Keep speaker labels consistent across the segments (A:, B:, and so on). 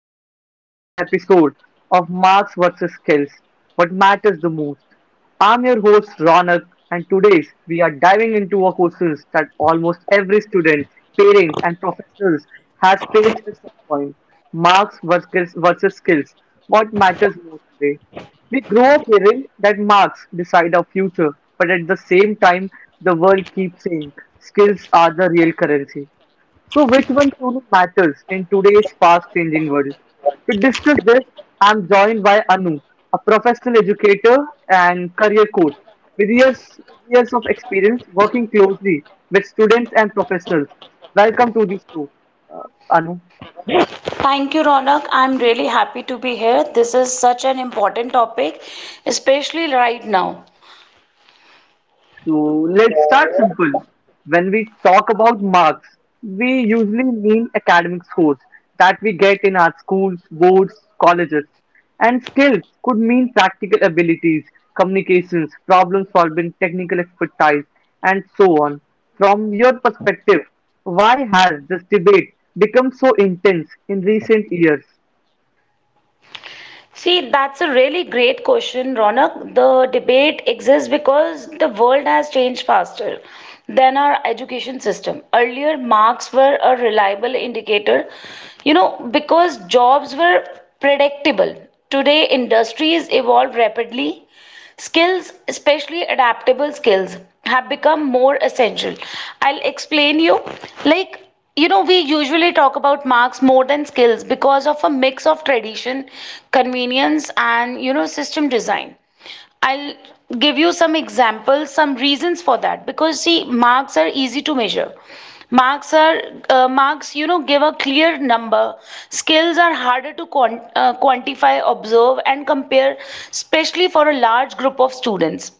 A: welcome to today's episode of Marks vs. Skills: What Matters the Most. I'm your host, Ronak, and today's we are diving into a question that almost every student, parent, and professors has faced at some point: Marks versus Skills, What Matters More Today. We grow up hearing that marks decide our future, but at the same time, the world keeps saying skills are the real currency. So, which one truly matters in today's fast changing world? To discuss this, I'm joined by Anu, a professional educator and career coach with years, with years of experience working closely with students and professionals. Welcome to the show, uh, Anu.
B: Thank you, Ronak. I'm really happy to be here. This is such an important topic, especially right now.
A: So let's start simple. When we talk about marks, we usually mean academic scores that we get in our schools, boards, colleges. And skills could mean practical abilities, communications, problem solving, technical expertise, and so on. From your perspective, why has this debate become so intense in recent years?
B: See, that's a really great question, Ronak. The debate exists because the world has changed faster than our education system. Earlier, marks were a reliable indicator, because jobs were predictable. Today, industries evolve rapidly. Skills, especially adaptable skills, have become more essential. I'll explain you. Like, we usually talk about marks more than skills because of a mix of tradition, convenience, and system design. I'll give you some examples, some reasons for that because see, marks are easy to measure. Marks are marks, give a clear number. Skills are harder to quantify, observe, and compare, especially for a large group of students.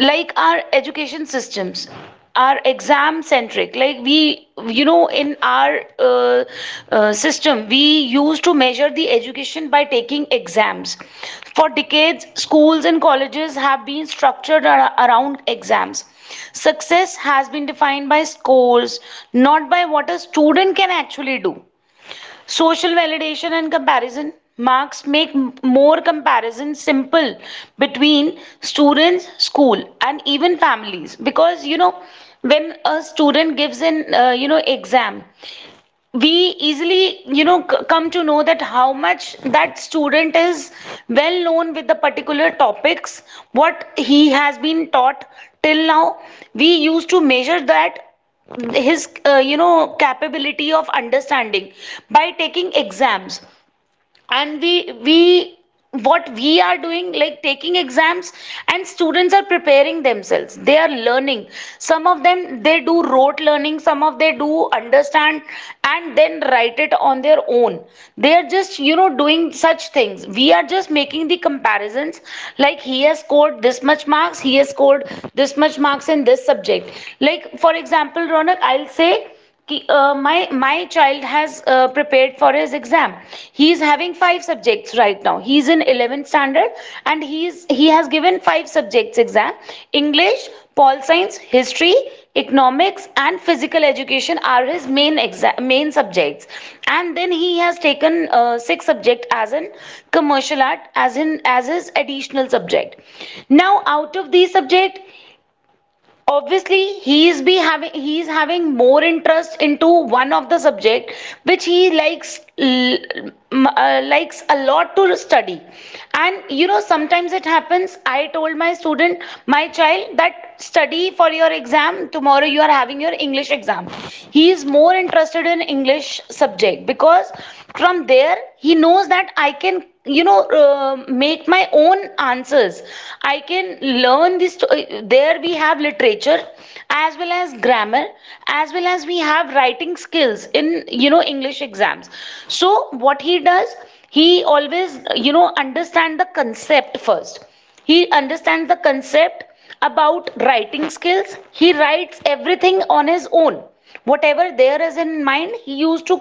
B: Like, our education systems are exam centric. Like, we, in our system, we used to measure the education by taking exams. For decades, schools and colleges have been structured around exams. Success has been defined by scores, not by what a student can actually do. Social validation and comparison. Marks make more comparison simple between students, school, and even families. Because when a student gives an exam, we easily come to know that how much that student is well known with the particular topics what he has been taught till now. We used to measure that his capability of understanding by taking exams. And we, what we are doing, like taking exams, and students are preparing themselves, they are learning. Some of them they do rote learning, some of they do understand and then write it on their own. They are just doing such things. We are just making the comparisons, like he has scored this much marks, he has scored this much marks in this subject. Like, for example, Ronak, I'll say my child has prepared for his exam. He is having five subjects right now. He is in 11th standard, and he has given five subjects exam. English, pol science, history, economics, and physical education are his main exam main subjects. And then he has taken six subject as an commercial art as in as his additional subject. Now, out of these subject, obviously he is having more interest into one of the subject, which he likes a lot to study. And sometimes it happens. I told my child that study for your exam tomorrow, you are having your English exam. He is more interested in English subject because from there he knows that I can make my own answers. I can learn this there we have literature as well as grammar, as well as we have writing skills in English exams. So what he does, he always understand the concept first. He understands the concept. About writing skills, he writes everything on his own, whatever there is in mind, he used to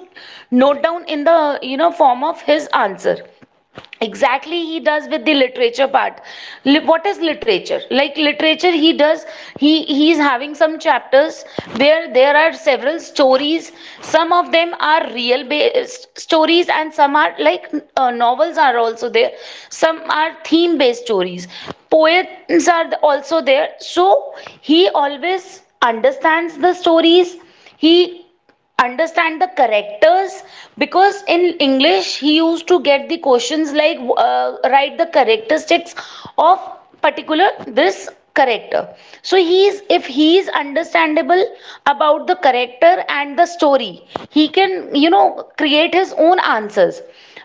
B: note down in the form of his answer. Exactly he does with the literature part. What is literature, like literature he does, he is having some chapters where there are several stories. Some of them are real based stories, and some are like novels are also there, some are theme based stories, poems are also there. So he always understands the stories, he understand the characters, because in English he used to get the questions like write the characteristics of particular this character. So he is if he is understandable about the character and the story, he can create his own answers.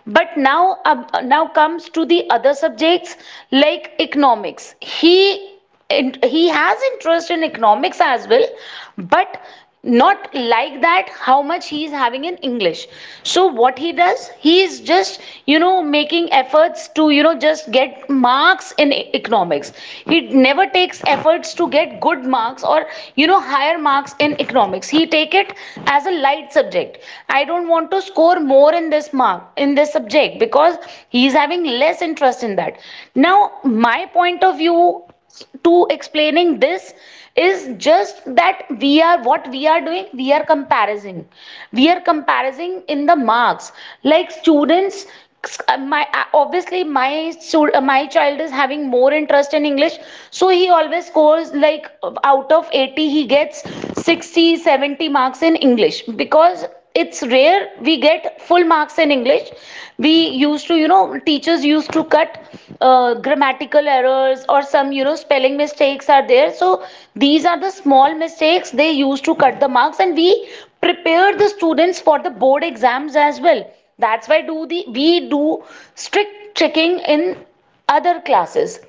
B: But now comes to the other subjects, like economics. He has interest in economics as well, but not like that how much he is having in English. So what he does, he is just making efforts to just get marks in economics. He never takes efforts to get good marks or higher marks in economics. He take it as a light subject. I don't want to score more in this mark in this subject because he is having less interest in that. Now, my point of view to explaining this is just that, we are what we are doing, we are comparing in the marks. Like students, my obviously my child is having more interest in English, so he always scores like out of 80 he gets 60, 70 marks in English because it's rare we get full marks in English. We used to, teachers used to cut grammatical errors, or some, spelling mistakes are there. So these are the small mistakes they used to cut the marks, and we prepare the students for the board exams as well. That's why do the we do strict checking in other classes.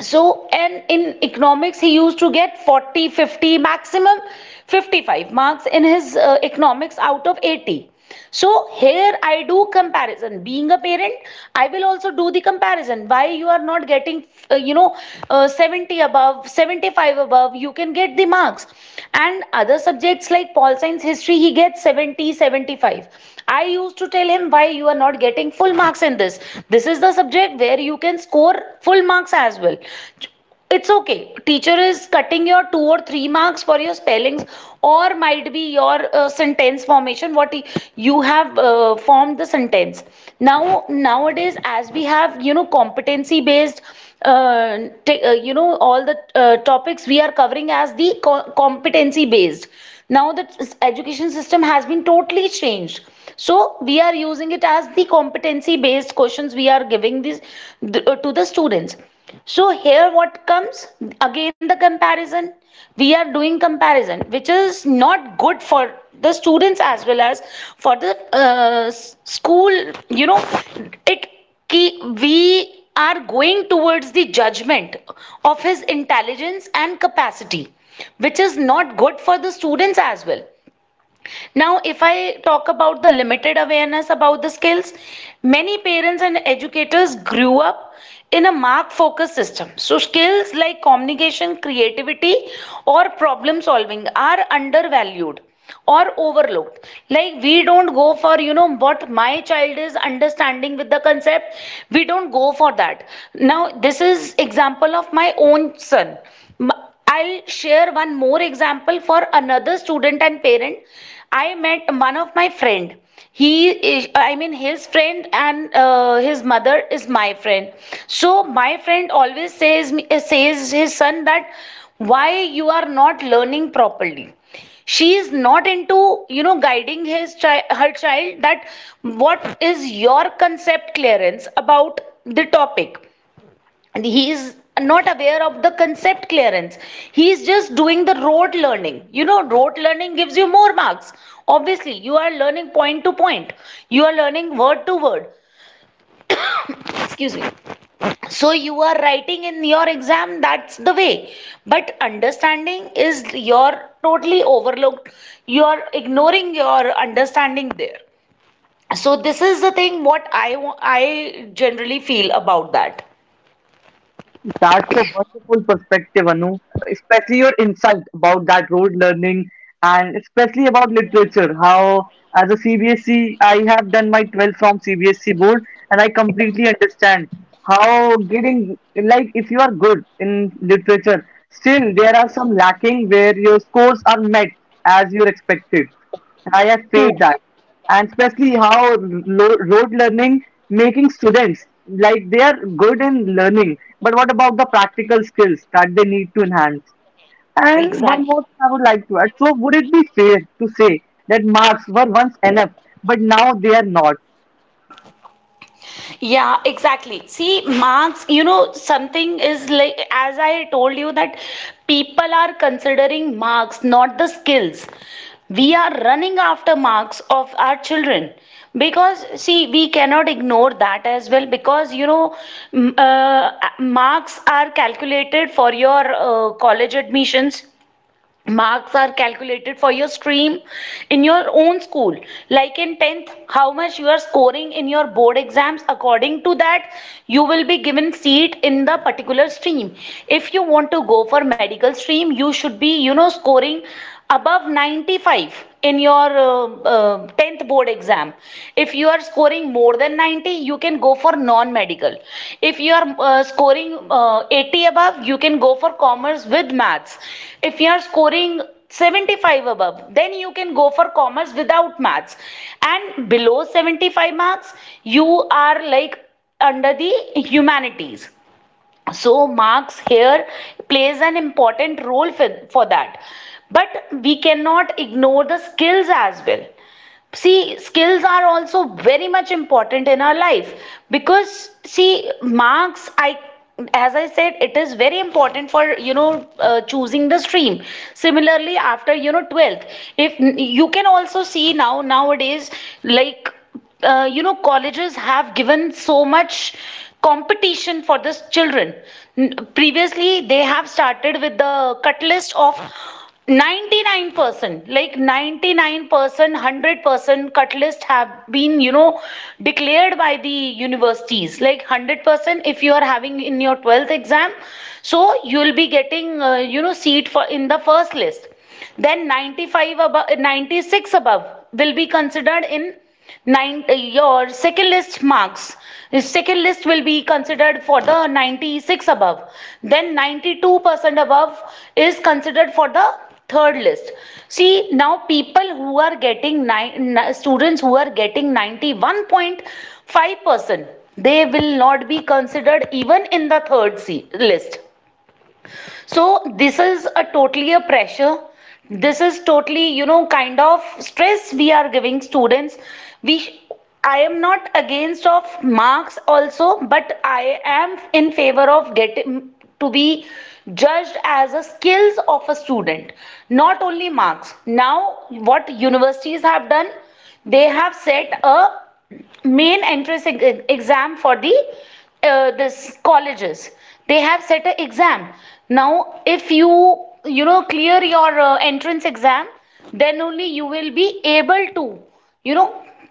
B: So, and in economics he used to get 40 50 maximum 55 marks in his economics out of 80. So here I do comparison being a parent. I will also do the comparison, why you are not getting uh, you know 70 above, 75 above you can get the marks. And other subjects like pol science, history, he gets 70 75. I used to tell him, why you are not getting full marks in this? This is the subject where you can score full marks as well. It's okay, teacher is cutting your two or three marks for your spellings, or might be your sentence formation, what you have formed the sentence. Now, nowadays, as we have competency based all the topics we are covering as the competency based. Now the education system has been totally changed, so we are using it as the competency based questions we are giving to the students. So here what comes, again the comparison. We are doing comparison, which is not good for the students as well as for the school. You know it ki We are going towards the judgment of his intelligence and capacity, which is not good for the students as well. Now, if I talk about the limited awareness about the skills, many parents and educators grew up in a mark focused system. So, skills like communication, creativity, or problem solving are undervalued or overlooked. Like, we don't go for what my child is understanding with the concept, we don't go for that. Now this is example of my own son. I'll share one more example for another student and parent. I met one of my friend. He is, I mean, his friend, and his mother is my friend. So my friend always says his son that why you are not learning properly. She is not into guiding his child, her child, that what is your concept clearance about the topic. And he is not aware of the concept clearance, he is just doing the rote learning. Rote learning gives you more marks, obviously. You are learning point to point, you are learning word to word. Excuse me. So you are writing in your exam, that's the way. But understanding is, you're totally overlooked. You are ignoring your understanding there. So this is the thing what I generally feel about that.
A: That's a wonderful perspective, Anu, especially your insight about that road learning and especially about literature. How, as a CBSE, I have done my 12 from CBSE board, and I completely understand how getting, like, if you are good in literature, still there are some lacking where your scores are met as you're expected. I have
B: Hmm.
A: faced that, and especially how rote learning making students like they are good in learning, but what about the practical skills that they need to enhance? And one
B: Exactly.
A: more thing I would like to add, so would it be fair to say that marks were once enough but now they are not?
B: Yeah, exactly. See, marks, something is like, as I told you, that people are considering marks, not the skills. We are running after marks of our children because, see, we cannot ignore that as well because, you know, m- uh, marks are calculated for your college admissions. Marks are calculated for your stream in your own school. Like in 10th, how much you are scoring in your board exams, according to that you will be given seat in the particular stream. If you want to go for medical stream, you should be, you know, scoring above 95 in your tenth 10th board exam. If you are scoring more than 90, you can go for non medical. If you are scoring 80 above, you can go for commerce with maths. If you are scoring 75 above, then you can go for commerce without maths, and below 75 marks you are, like, under the humanities. So marks here plays an important role for that, but we cannot ignore the skills as well. See, skills are also very much important in our life. Because, see, marks, I as I said, it is very important for, you know, choosing the stream. Similarly, after, you know, 12th, if you can also see now nowadays, like, you know, colleges have given so much competition for this children. Previously they have started with the cut list of 99%, like 99%, 100% cut list have been, you know, declared by the universities. Like 100%, if you are having in your 12th exam, so you will be getting, you know, seat for in the first list. Then 95 above, 96 above will be considered in nine your second list. Marks second list will be considered for the 96 above, then 92% above is considered for the third list. See, now people who are getting nine students who are getting 91.5%, they will not be considered even in the third C list. So this is a totally a pressure. This is totally, you know, kind of stress we are giving students. We I am not against of marks also, but I am in favor of getting to be judged as a skills of a student, not only marks. Now, what universities have done, they have set a main exam for the this colleges. They have set a exam. Now if you, you know, clear your entrance exam, then only you will be able to, you know,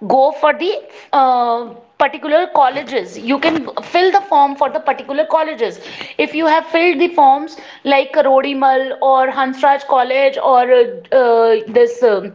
B: go for the uh, particular colleges. You can fill the form for the particular colleges. If you have filled the forms like Rodimal or Hansraj College, or this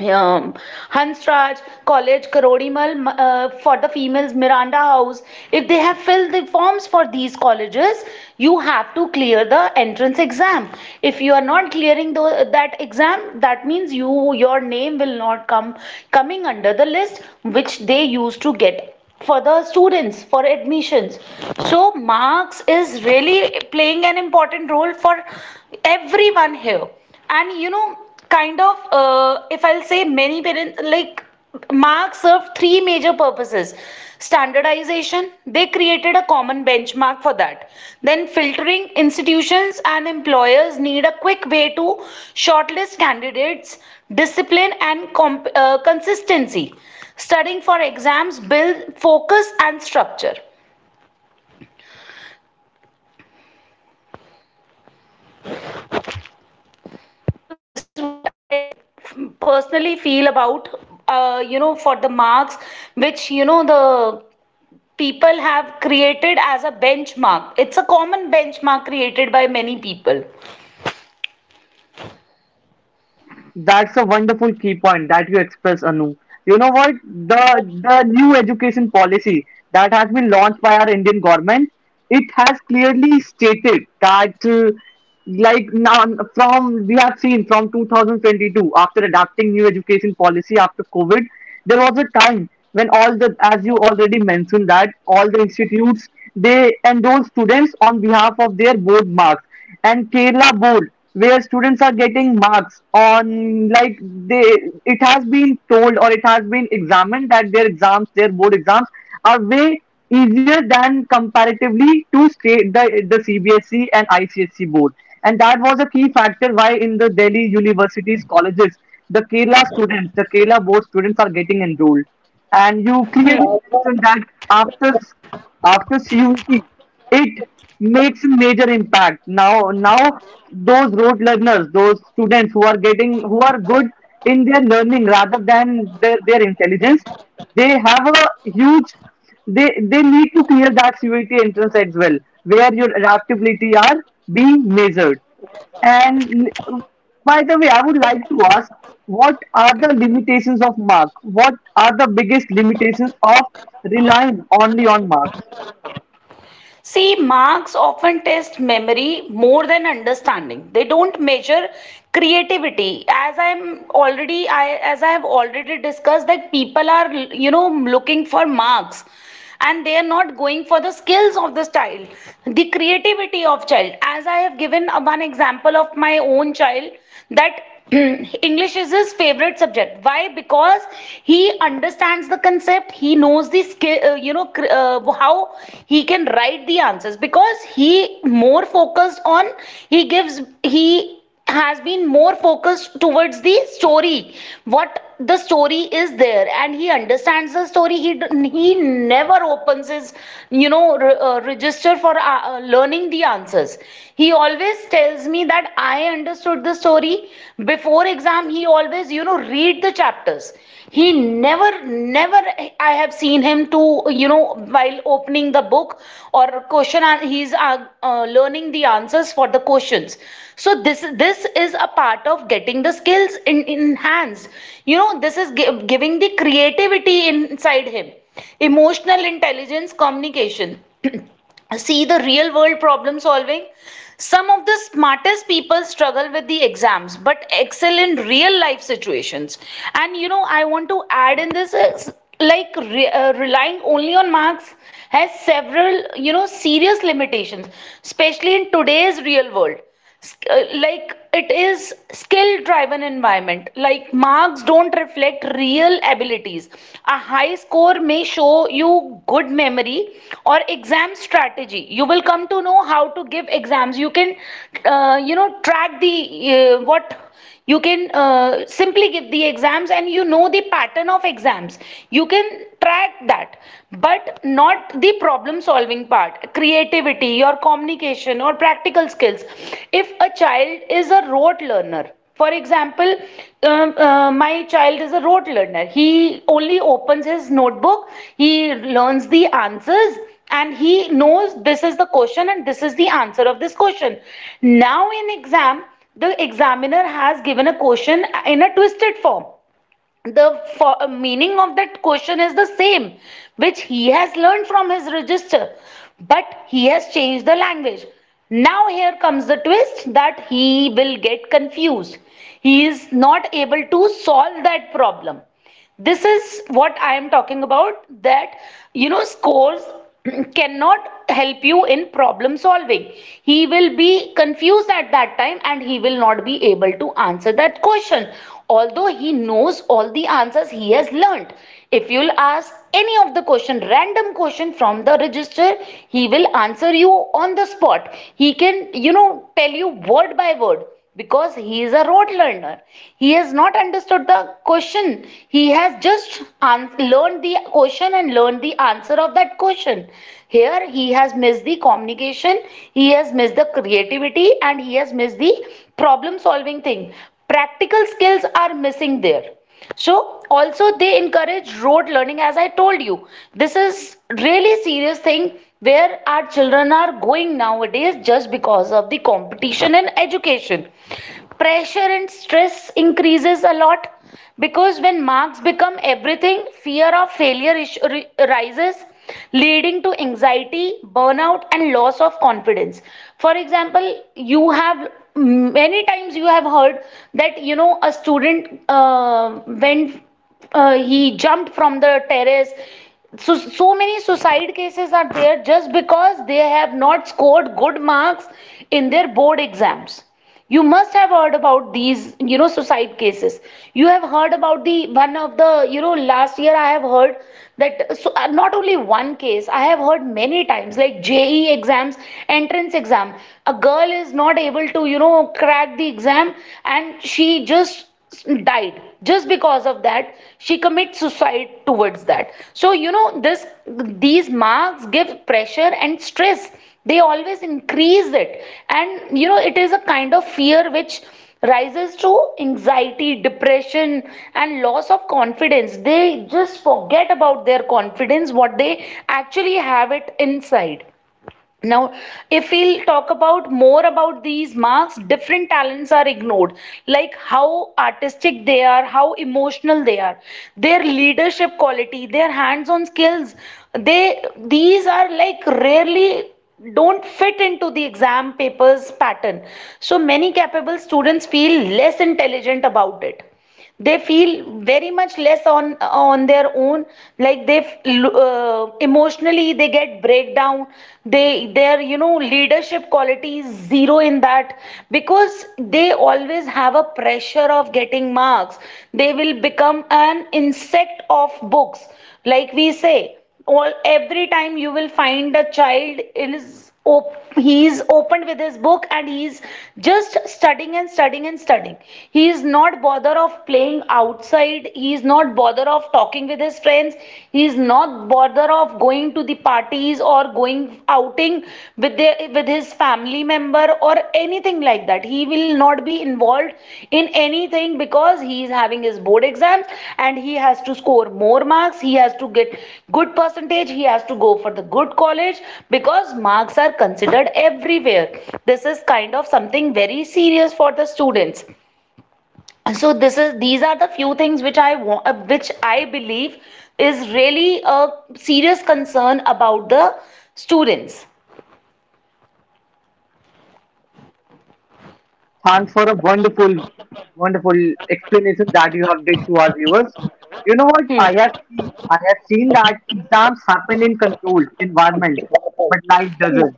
B: um, Hansraj College, Karodimal, for the females, Miranda House. If they have filled the forms for these colleges, you have to clear the entrance exam. If you are not clearing that exam, that means your name will not come coming under the list which they used to get for the students for admissions. So marks is really playing an important role for everyone here. And, you know, kind of if I'll say many parents, like, marks serve 3 major purposes. Standardization: they created a common benchmark for that. Then filtering: institutions and employers need a quick way to shortlist candidates. Discipline and consistency: studying for exams build focus and structure. Personally feel about, you know, for the marks, which, you know, the people have created as a benchmark. It's a common benchmark created by many people.
A: That's a wonderful key point that you express, Anu. You know what? The new education policy that has been launched by our Indian government, it has clearly stated that like now, from we have seen from 2022, after adopting new education policy after COVID, there was a time when all the, as you already mentioned, that all the institutes they enroll students on behalf of their board marks, and Kerala board where students are getting marks on, like, they it has been told or it has been examined that their exams, their board exams are way easier than comparatively to state the CBSE and ICSE board. And that was a key factor why in the Delhi universities, colleges, the Kerala students, the Kerala board students are getting enrolled. And you
B: Hmm.
A: clearly mentioned that after after CUET it makes a major impact. Now those road learners, those students who are getting who are good in their learning rather than their intelligence, they have a huge they need to clear that CUET entrance as well, where your adaptability are being measured. And by the way, I would like to ask, what are the limitations of Mark? What are the biggest limitations of relying only on marks?
B: See, marks often test memory more than understanding. They don't measure creativity. As I'm already, as I have already discussed, that people are, you know, looking for marks and they are not going for the skills of this child, the creativity of child. As I have given one example of my own child, that English is his favorite subject. Why? Because he understands the concept. He knows the skill. You know, how he can write the answers. Because he more focused on, he has been more focused towards the story, what the story is there, and he understands the story. He never opens his, you know, register for learning the answers. He always tells me that I understood the story. Before exam, he always, you know, read the chapters. He never, never, I have seen him to, you know, while opening the book or question, he's learning the answers for the questions. So this is a part of getting the skills in, enhanced. You know, this is giving the creativity inside him. Emotional intelligence, communication, see, the real world problem solving. Some of the smartest people struggle with the exams but excel in real life situations. And, you know, I want to add in this is, like, relying only on marks has several, you know, serious limitations, especially in today's real world. Like it is skill driven environment. Like marks don't reflect real abilities. A high score may show you good memory or exam strategy. You will come to know how to give exams. You can, you know, track the what, you can simply give the exams and you know the pattern of exams, you can track that. But not the problem solving part, creativity, your communication or practical skills. If a child is a rote learner, for example, my child is a rote learner. He only opens his notebook, he learns the answers, and he knows this is the question and this is the answer of this question. Now in exam, the examiner has given a question in a twisted form. The meaning of that question is the same, which he has learned from his register, but he has changed the language. Now, here comes the twist that he will get confused. He is not able to solve that problem. This is what I am talking about, that, you know, scores cannot help you in problem solving. He will be confused at that time and he will not be able to answer that question, although he knows all the answers he has learnt. If you'll ask any of the question, random question from the register, he will answer you on the spot. He can, you know, tell you word by word, because he is a rote learner. He has not understood the question. He has just learned the question and learned the answer of that question. Here he has missed the communication, he has missed the creativity, and he has missed the problem solving thing. Practical skills are missing there. So also they encourage rote learning. As I told you, this is really serious thing where our children are going nowadays, just because of the competition in education. Pressure and stress increases a lot, because when marks become everything, fear of failure rises, leading to anxiety, burnout, and loss of confidence. For example, you have many times you have heard that, you know, a student went, he jumped from the terrace. So so many suicide cases are there just because they have not scored good marks in their board exams. You must have heard about these, you know, suicide cases. You have heard about the one of the, you know, last year I have heard that. So, not only one case I have heard many times, like JE exams, entrance exam, a girl is not able to, you know, crack the exam, and she just died just because of that. She commits suicide towards that. So, you know, this these marks give pressure and stress. They always increase it. And, you know, it is a kind of fear which rises to anxiety, depression, and loss of confidence. They just forget about their confidence, what they actually have it inside. Now, if we'll talk about more about these marks, different talents are ignored, like how artistic they are, how emotional they are, their leadership quality, their hands-on skills. They These are like rarely don't fit into the exam papers pattern. So many capable students feel less intelligent about it. They feel very much less on their own. Like they, emotionally they get breakdown. They their, you know, leadership quality is zero in that, because they always have a pressure of getting marks. They will become an insect of books, like we say. All Every time you will find a child is he is opened with his book and he is just studying and studying and studying. He is not bother of playing outside, he is not bother of talking with his friends, he is not bother of going to the parties or going outing with their with his family member or anything like that. He will not be involved in anything because he is having his board exams, and he has to score more marks, he has to get good percentage, he has to go for the good college, because marks are considered everywhere. This is kind of something very serious for the students. So this is these are the few things which which I believe is really a serious concern about the students.
A: Thanks for a wonderful explanation that you have did to our viewers. You know what I have
B: Hmm.
A: seen? I have seen that exams happen in controlled environment, but life doesn't.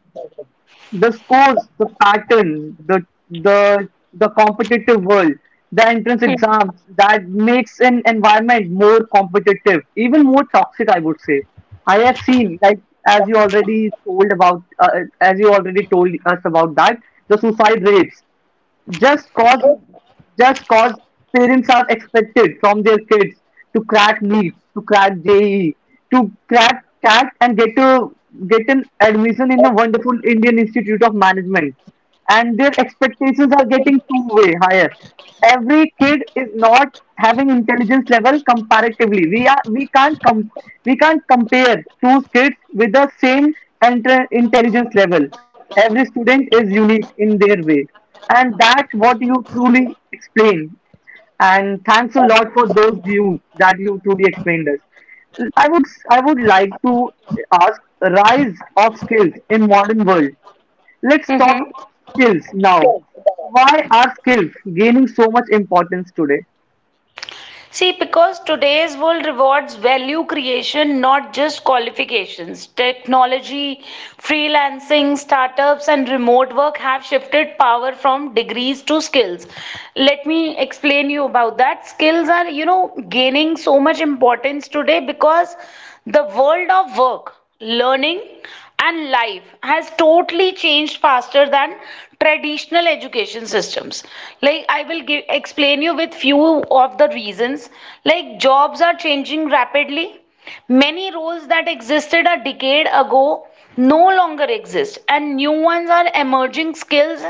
A: The scores, the pattern, the the competitive world, the entrance exams that makes an environment more competitive, even more toxic, I would say. I have seen, like, as you already told about, as you already told us about that, the suicide rates just cause just cause parents are expected from their kids to crack NEET, to crack JEE, to crack CAT and get an admission in a wonderful Indian Institute of Management. And their expectations are getting two-way higher. Every kid is not having intelligence level comparatively. We can't we can't compare two kids with the same intelligence level. Every student is unique in their way, and that what you truly explained, and thanks a lot for those views that you truly explained us. I would like to ask, rise of skills in modern world, let's talk
B: Mm-hmm.
A: skills now. Why are skills gaining so much importance today?
B: See, because today's world rewards value creation, not just qualifications. Technology, freelancing, startups, and remote work have shifted power from degrees to skills. Let me explain you about that. Skills are gaining so much importance today because the world of work, learning, and life has totally changed faster than traditional education systems. Like, I will give explain you with few of the reasons. Like, jobs are changing rapidly, many roles that existed a decade ago no longer exist, and new ones are emerging. Skills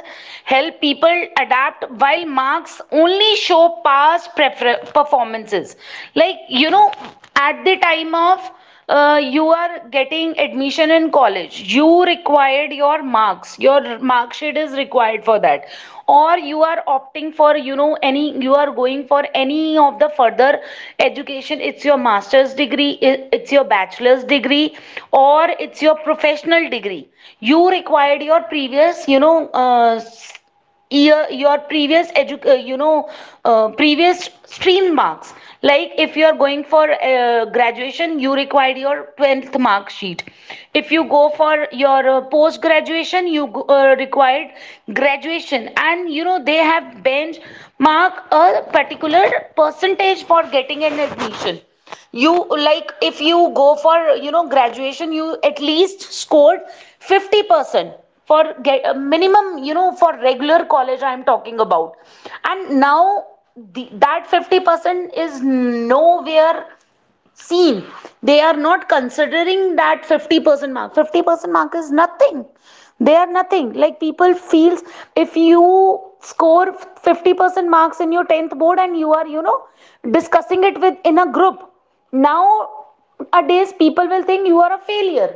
B: help people adapt, while marks only show past performances. Like, you know, at the time of you are getting admission in college, you required your marks, your mark sheet is required for that. Or you are opting for, any you are going for any of the further education. It's your master's degree, it's your bachelor's degree, or it's your professional degree. You required your previous your previous previous stream marks. Like, if you are going for graduation, you required your 12th mark sheet. If you go for your post graduation, you required graduation. And they have bench mark a particular percentage for getting an admission. You Like, if you go for graduation, you at least scored 50% for get a minimum, for regular college I'm talking about. And now, that 50% is nowhere seen. They are not considering that 50% mark, 50% mark is nothing. They are nothing, like, people feels if you score 50% marks in your 10th board, and you are discussing it with in a group. Now a days people will think you are a failure,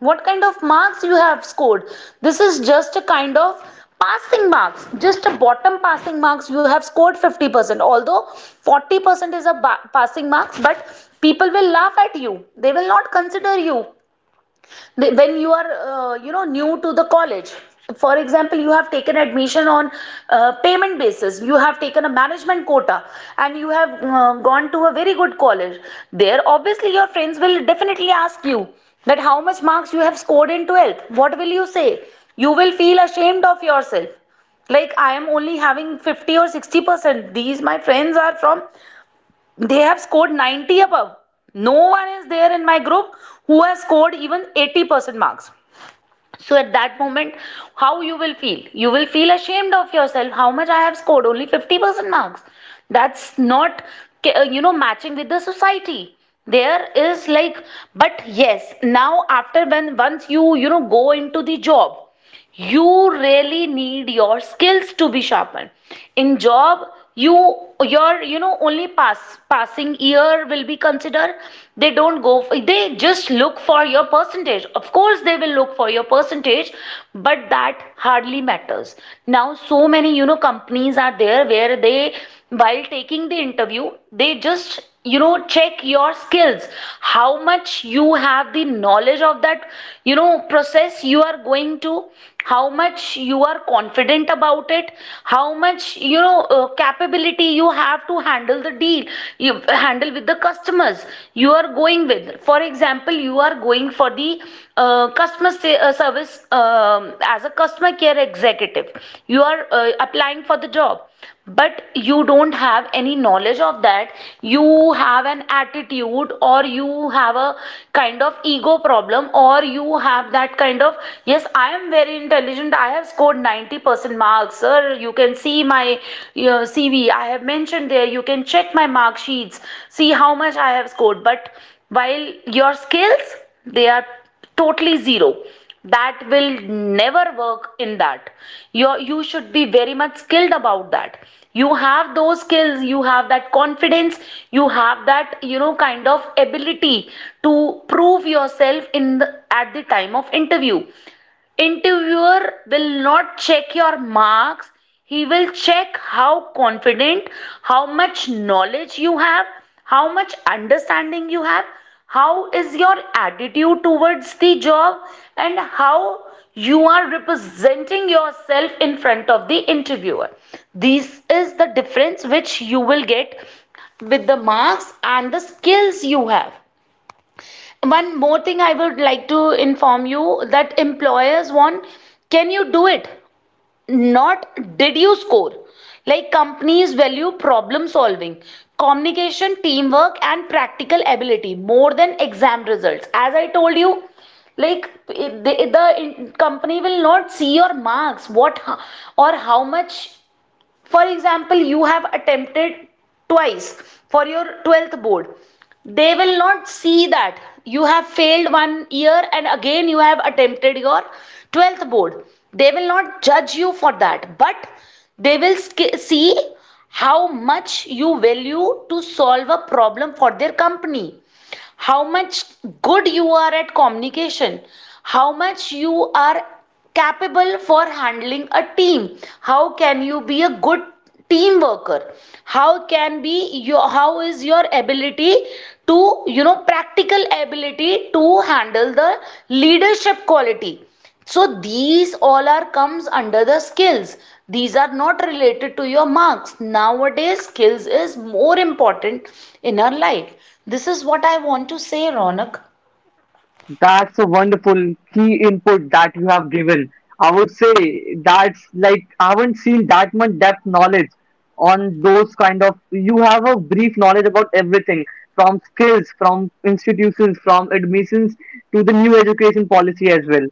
B: what kind of marks you have scored. This is just a kind of passing marks, just a bottom passing marks, you have scored 50%, although 40% is a passing marks, but people will laugh at you, they will not consider you when you are new to the college. For example, you have taken admission on payment basis, you have taken a management quota, and you have gone to a very good college. There, obviously, your friends will definitely ask you that how much marks you have scored in 12th, what will you say? You will feel ashamed of yourself, like, I am only having 50 or 60%, these my friends are from, they have scored 90 above. No one is there in my group who has scored even 80% marks. So at that moment, how you will feel? You will feel ashamed of yourself. How much I have scored? Only 50% marks. That's not, matching with the society there is, like. But yes, now after, when once you you know go into the job, you really need your skills to be sharpened. In job, you your only passing year will be considered. They don't go for, they just look for your percentage, of course they will look for your percentage, but that hardly matters. Now so many companies are there where they, while taking the interview, they just check your skills. How much you have the knowledge of that process you are going to, how much you are confident about it, how much capability you have to handle the deal, you handle with the customers. You are going with, for example, you are going for the customer service as a customer care executive, you are applying for the job. But you don't have any knowledge of that, you have an attitude, or you have a kind of ego problem, or you have that kind of, yes, I am very intelligent, I have scored 90% marks, sir, you can see my CV, I have mentioned there, you can check my mark sheets, see how much I have scored. But while your skills, they are totally zero, that will never work in that. You should be very much skilled about that, you have those skills, you have that confidence, you have that kind of ability to prove yourself at the time of interview. Interviewer will not check your marks, he will check how confident, how much knowledge you have, how much understanding you have, how is your attitude towards the job, and how you are representing yourself in front of the interviewer. This is the difference which you will get with the marks and the skills you have. One more thing I would like to inform you that employers want, can you do it? Not, did you score? Like, companies value problem solving, communication, teamwork, and practical ability more than exam results. As I told you, like, the company will not see your marks, what or how much. For example, you have attempted twice for your 12th board. They will not see that you have failed one year and again you have attempted your 12th board. They will not judge you for that, but they will see how much you value to solve a problem for their company, how much good you are at communication, how much you are capable for handling a team, how can you be a good team worker, how is your ability to practical ability to handle the leadership quality. So these all are comes under the skills. These are not related to your marks. Nowadays, skills is more important in our life. This is what I want to say, Ronak.
A: That's a wonderful key input that you have given. I would say that's like I haven't seen that much depth knowledge on those kind of. You have a brief knowledge about everything, from skills, from institutions, from admissions to the new education policy as well.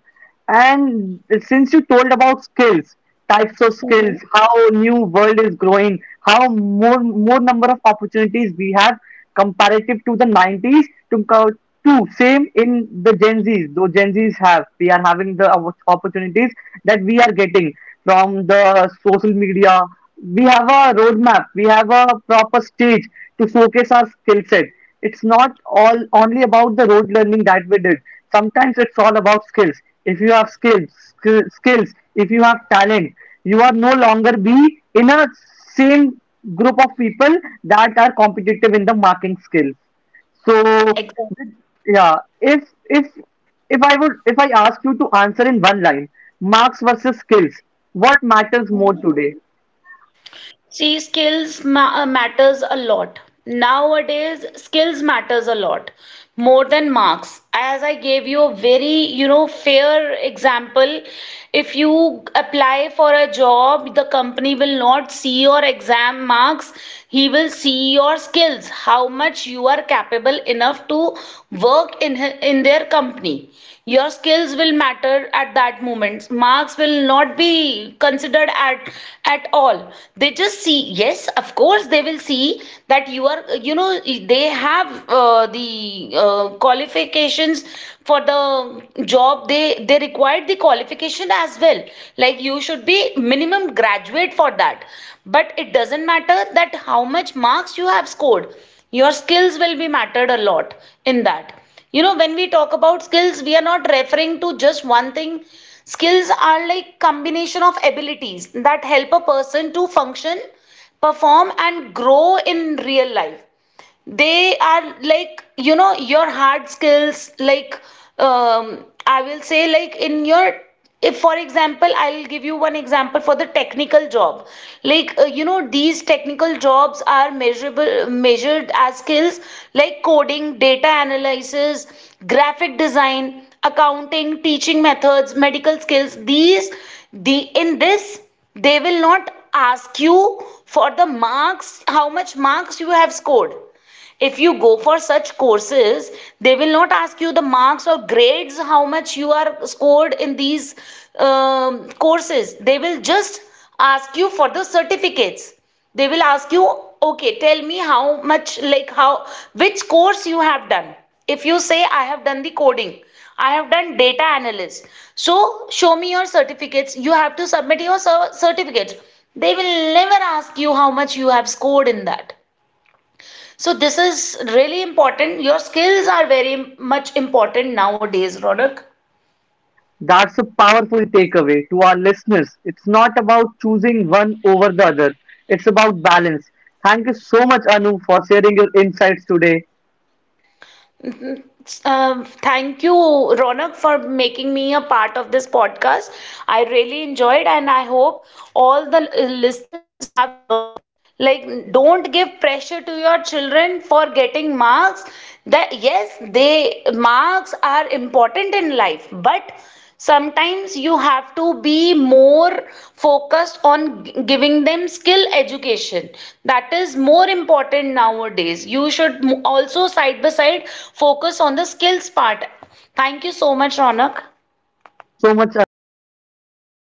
A: And since you told about skills, types of
B: Mm-hmm.
A: skills, how new world is growing, how more number of opportunities we have comparative to the 90s to to same in the Gen Zs. Though Gen Zs have, we are having the opportunities that we are getting from the social media. We have a roadmap. We have a proper stage to showcase our skill set. It's not all only about the road learning that we did, sometimes it's all about skills. If you have skills, if you have talent, you are no longer be in a same group of people that are competitive in the marking skills. So
B: Exactly.
A: yeah, if if if I would, if I ask you to answer in one line, marks versus skills, what matters more today?
B: See, skills matters a lot. Nowadays, skills matters a lot more than marks. As I gave you a very, fair example, if you apply for a job, the company will not see your exam marks. He will see your skills, how much you are capable in enough to work in their company. Your skills will matter, at that moment marks will not be considered at all. They just see, yes, of course they will see that you are, you know they have the qualifications for the job, they required the qualification as well. Like, you should be minimum graduate for that, but it doesn't matter that how much marks you have scored, your skills will be mattered a lot in that. When we talk about skills, we are not referring to just one thing. Skills are like combination of abilities that help a person to function, perform, and grow in real life. They are like your hard skills, like, I will say, like, in your if for example, I'll give you one example for the technical job. Like, these technical jobs are measurable measured as skills, like coding, data analysis, graphic design, accounting, teaching methods, medical skills, these the in this they will not ask you for the marks, how much marks you have scored. If you go for such courses, they will not ask you the marks or grades, how much you are scored in these courses. They will just ask you for the certificates. They will ask you, okay, tell me how much, like, how which course you have done. If you say I have done the coding, I have done data analyst, so show me your certificates, you have to submit your certificates. They will never ask you how much you have scored in that. So this is really important. Your skills are very much important nowadays, Ronak.
A: That's a powerful takeaway to our listeners. It's not about choosing one over the other, it's about balance. Thank you so much, Anu, for sharing your insights today.
B: Mhm. Thank you, Ronak, for making me a part of this podcast. I really enjoyed, and I hope all the listeners, like, don't give pressure to your children for getting marks, that yes they marks are important in life, but sometimes you have to be more focused on giving them skill education. That is more important nowadays, you should also side by side focus on the skills part. Thank you so much, Ronak.
A: Thank you so much, Anu.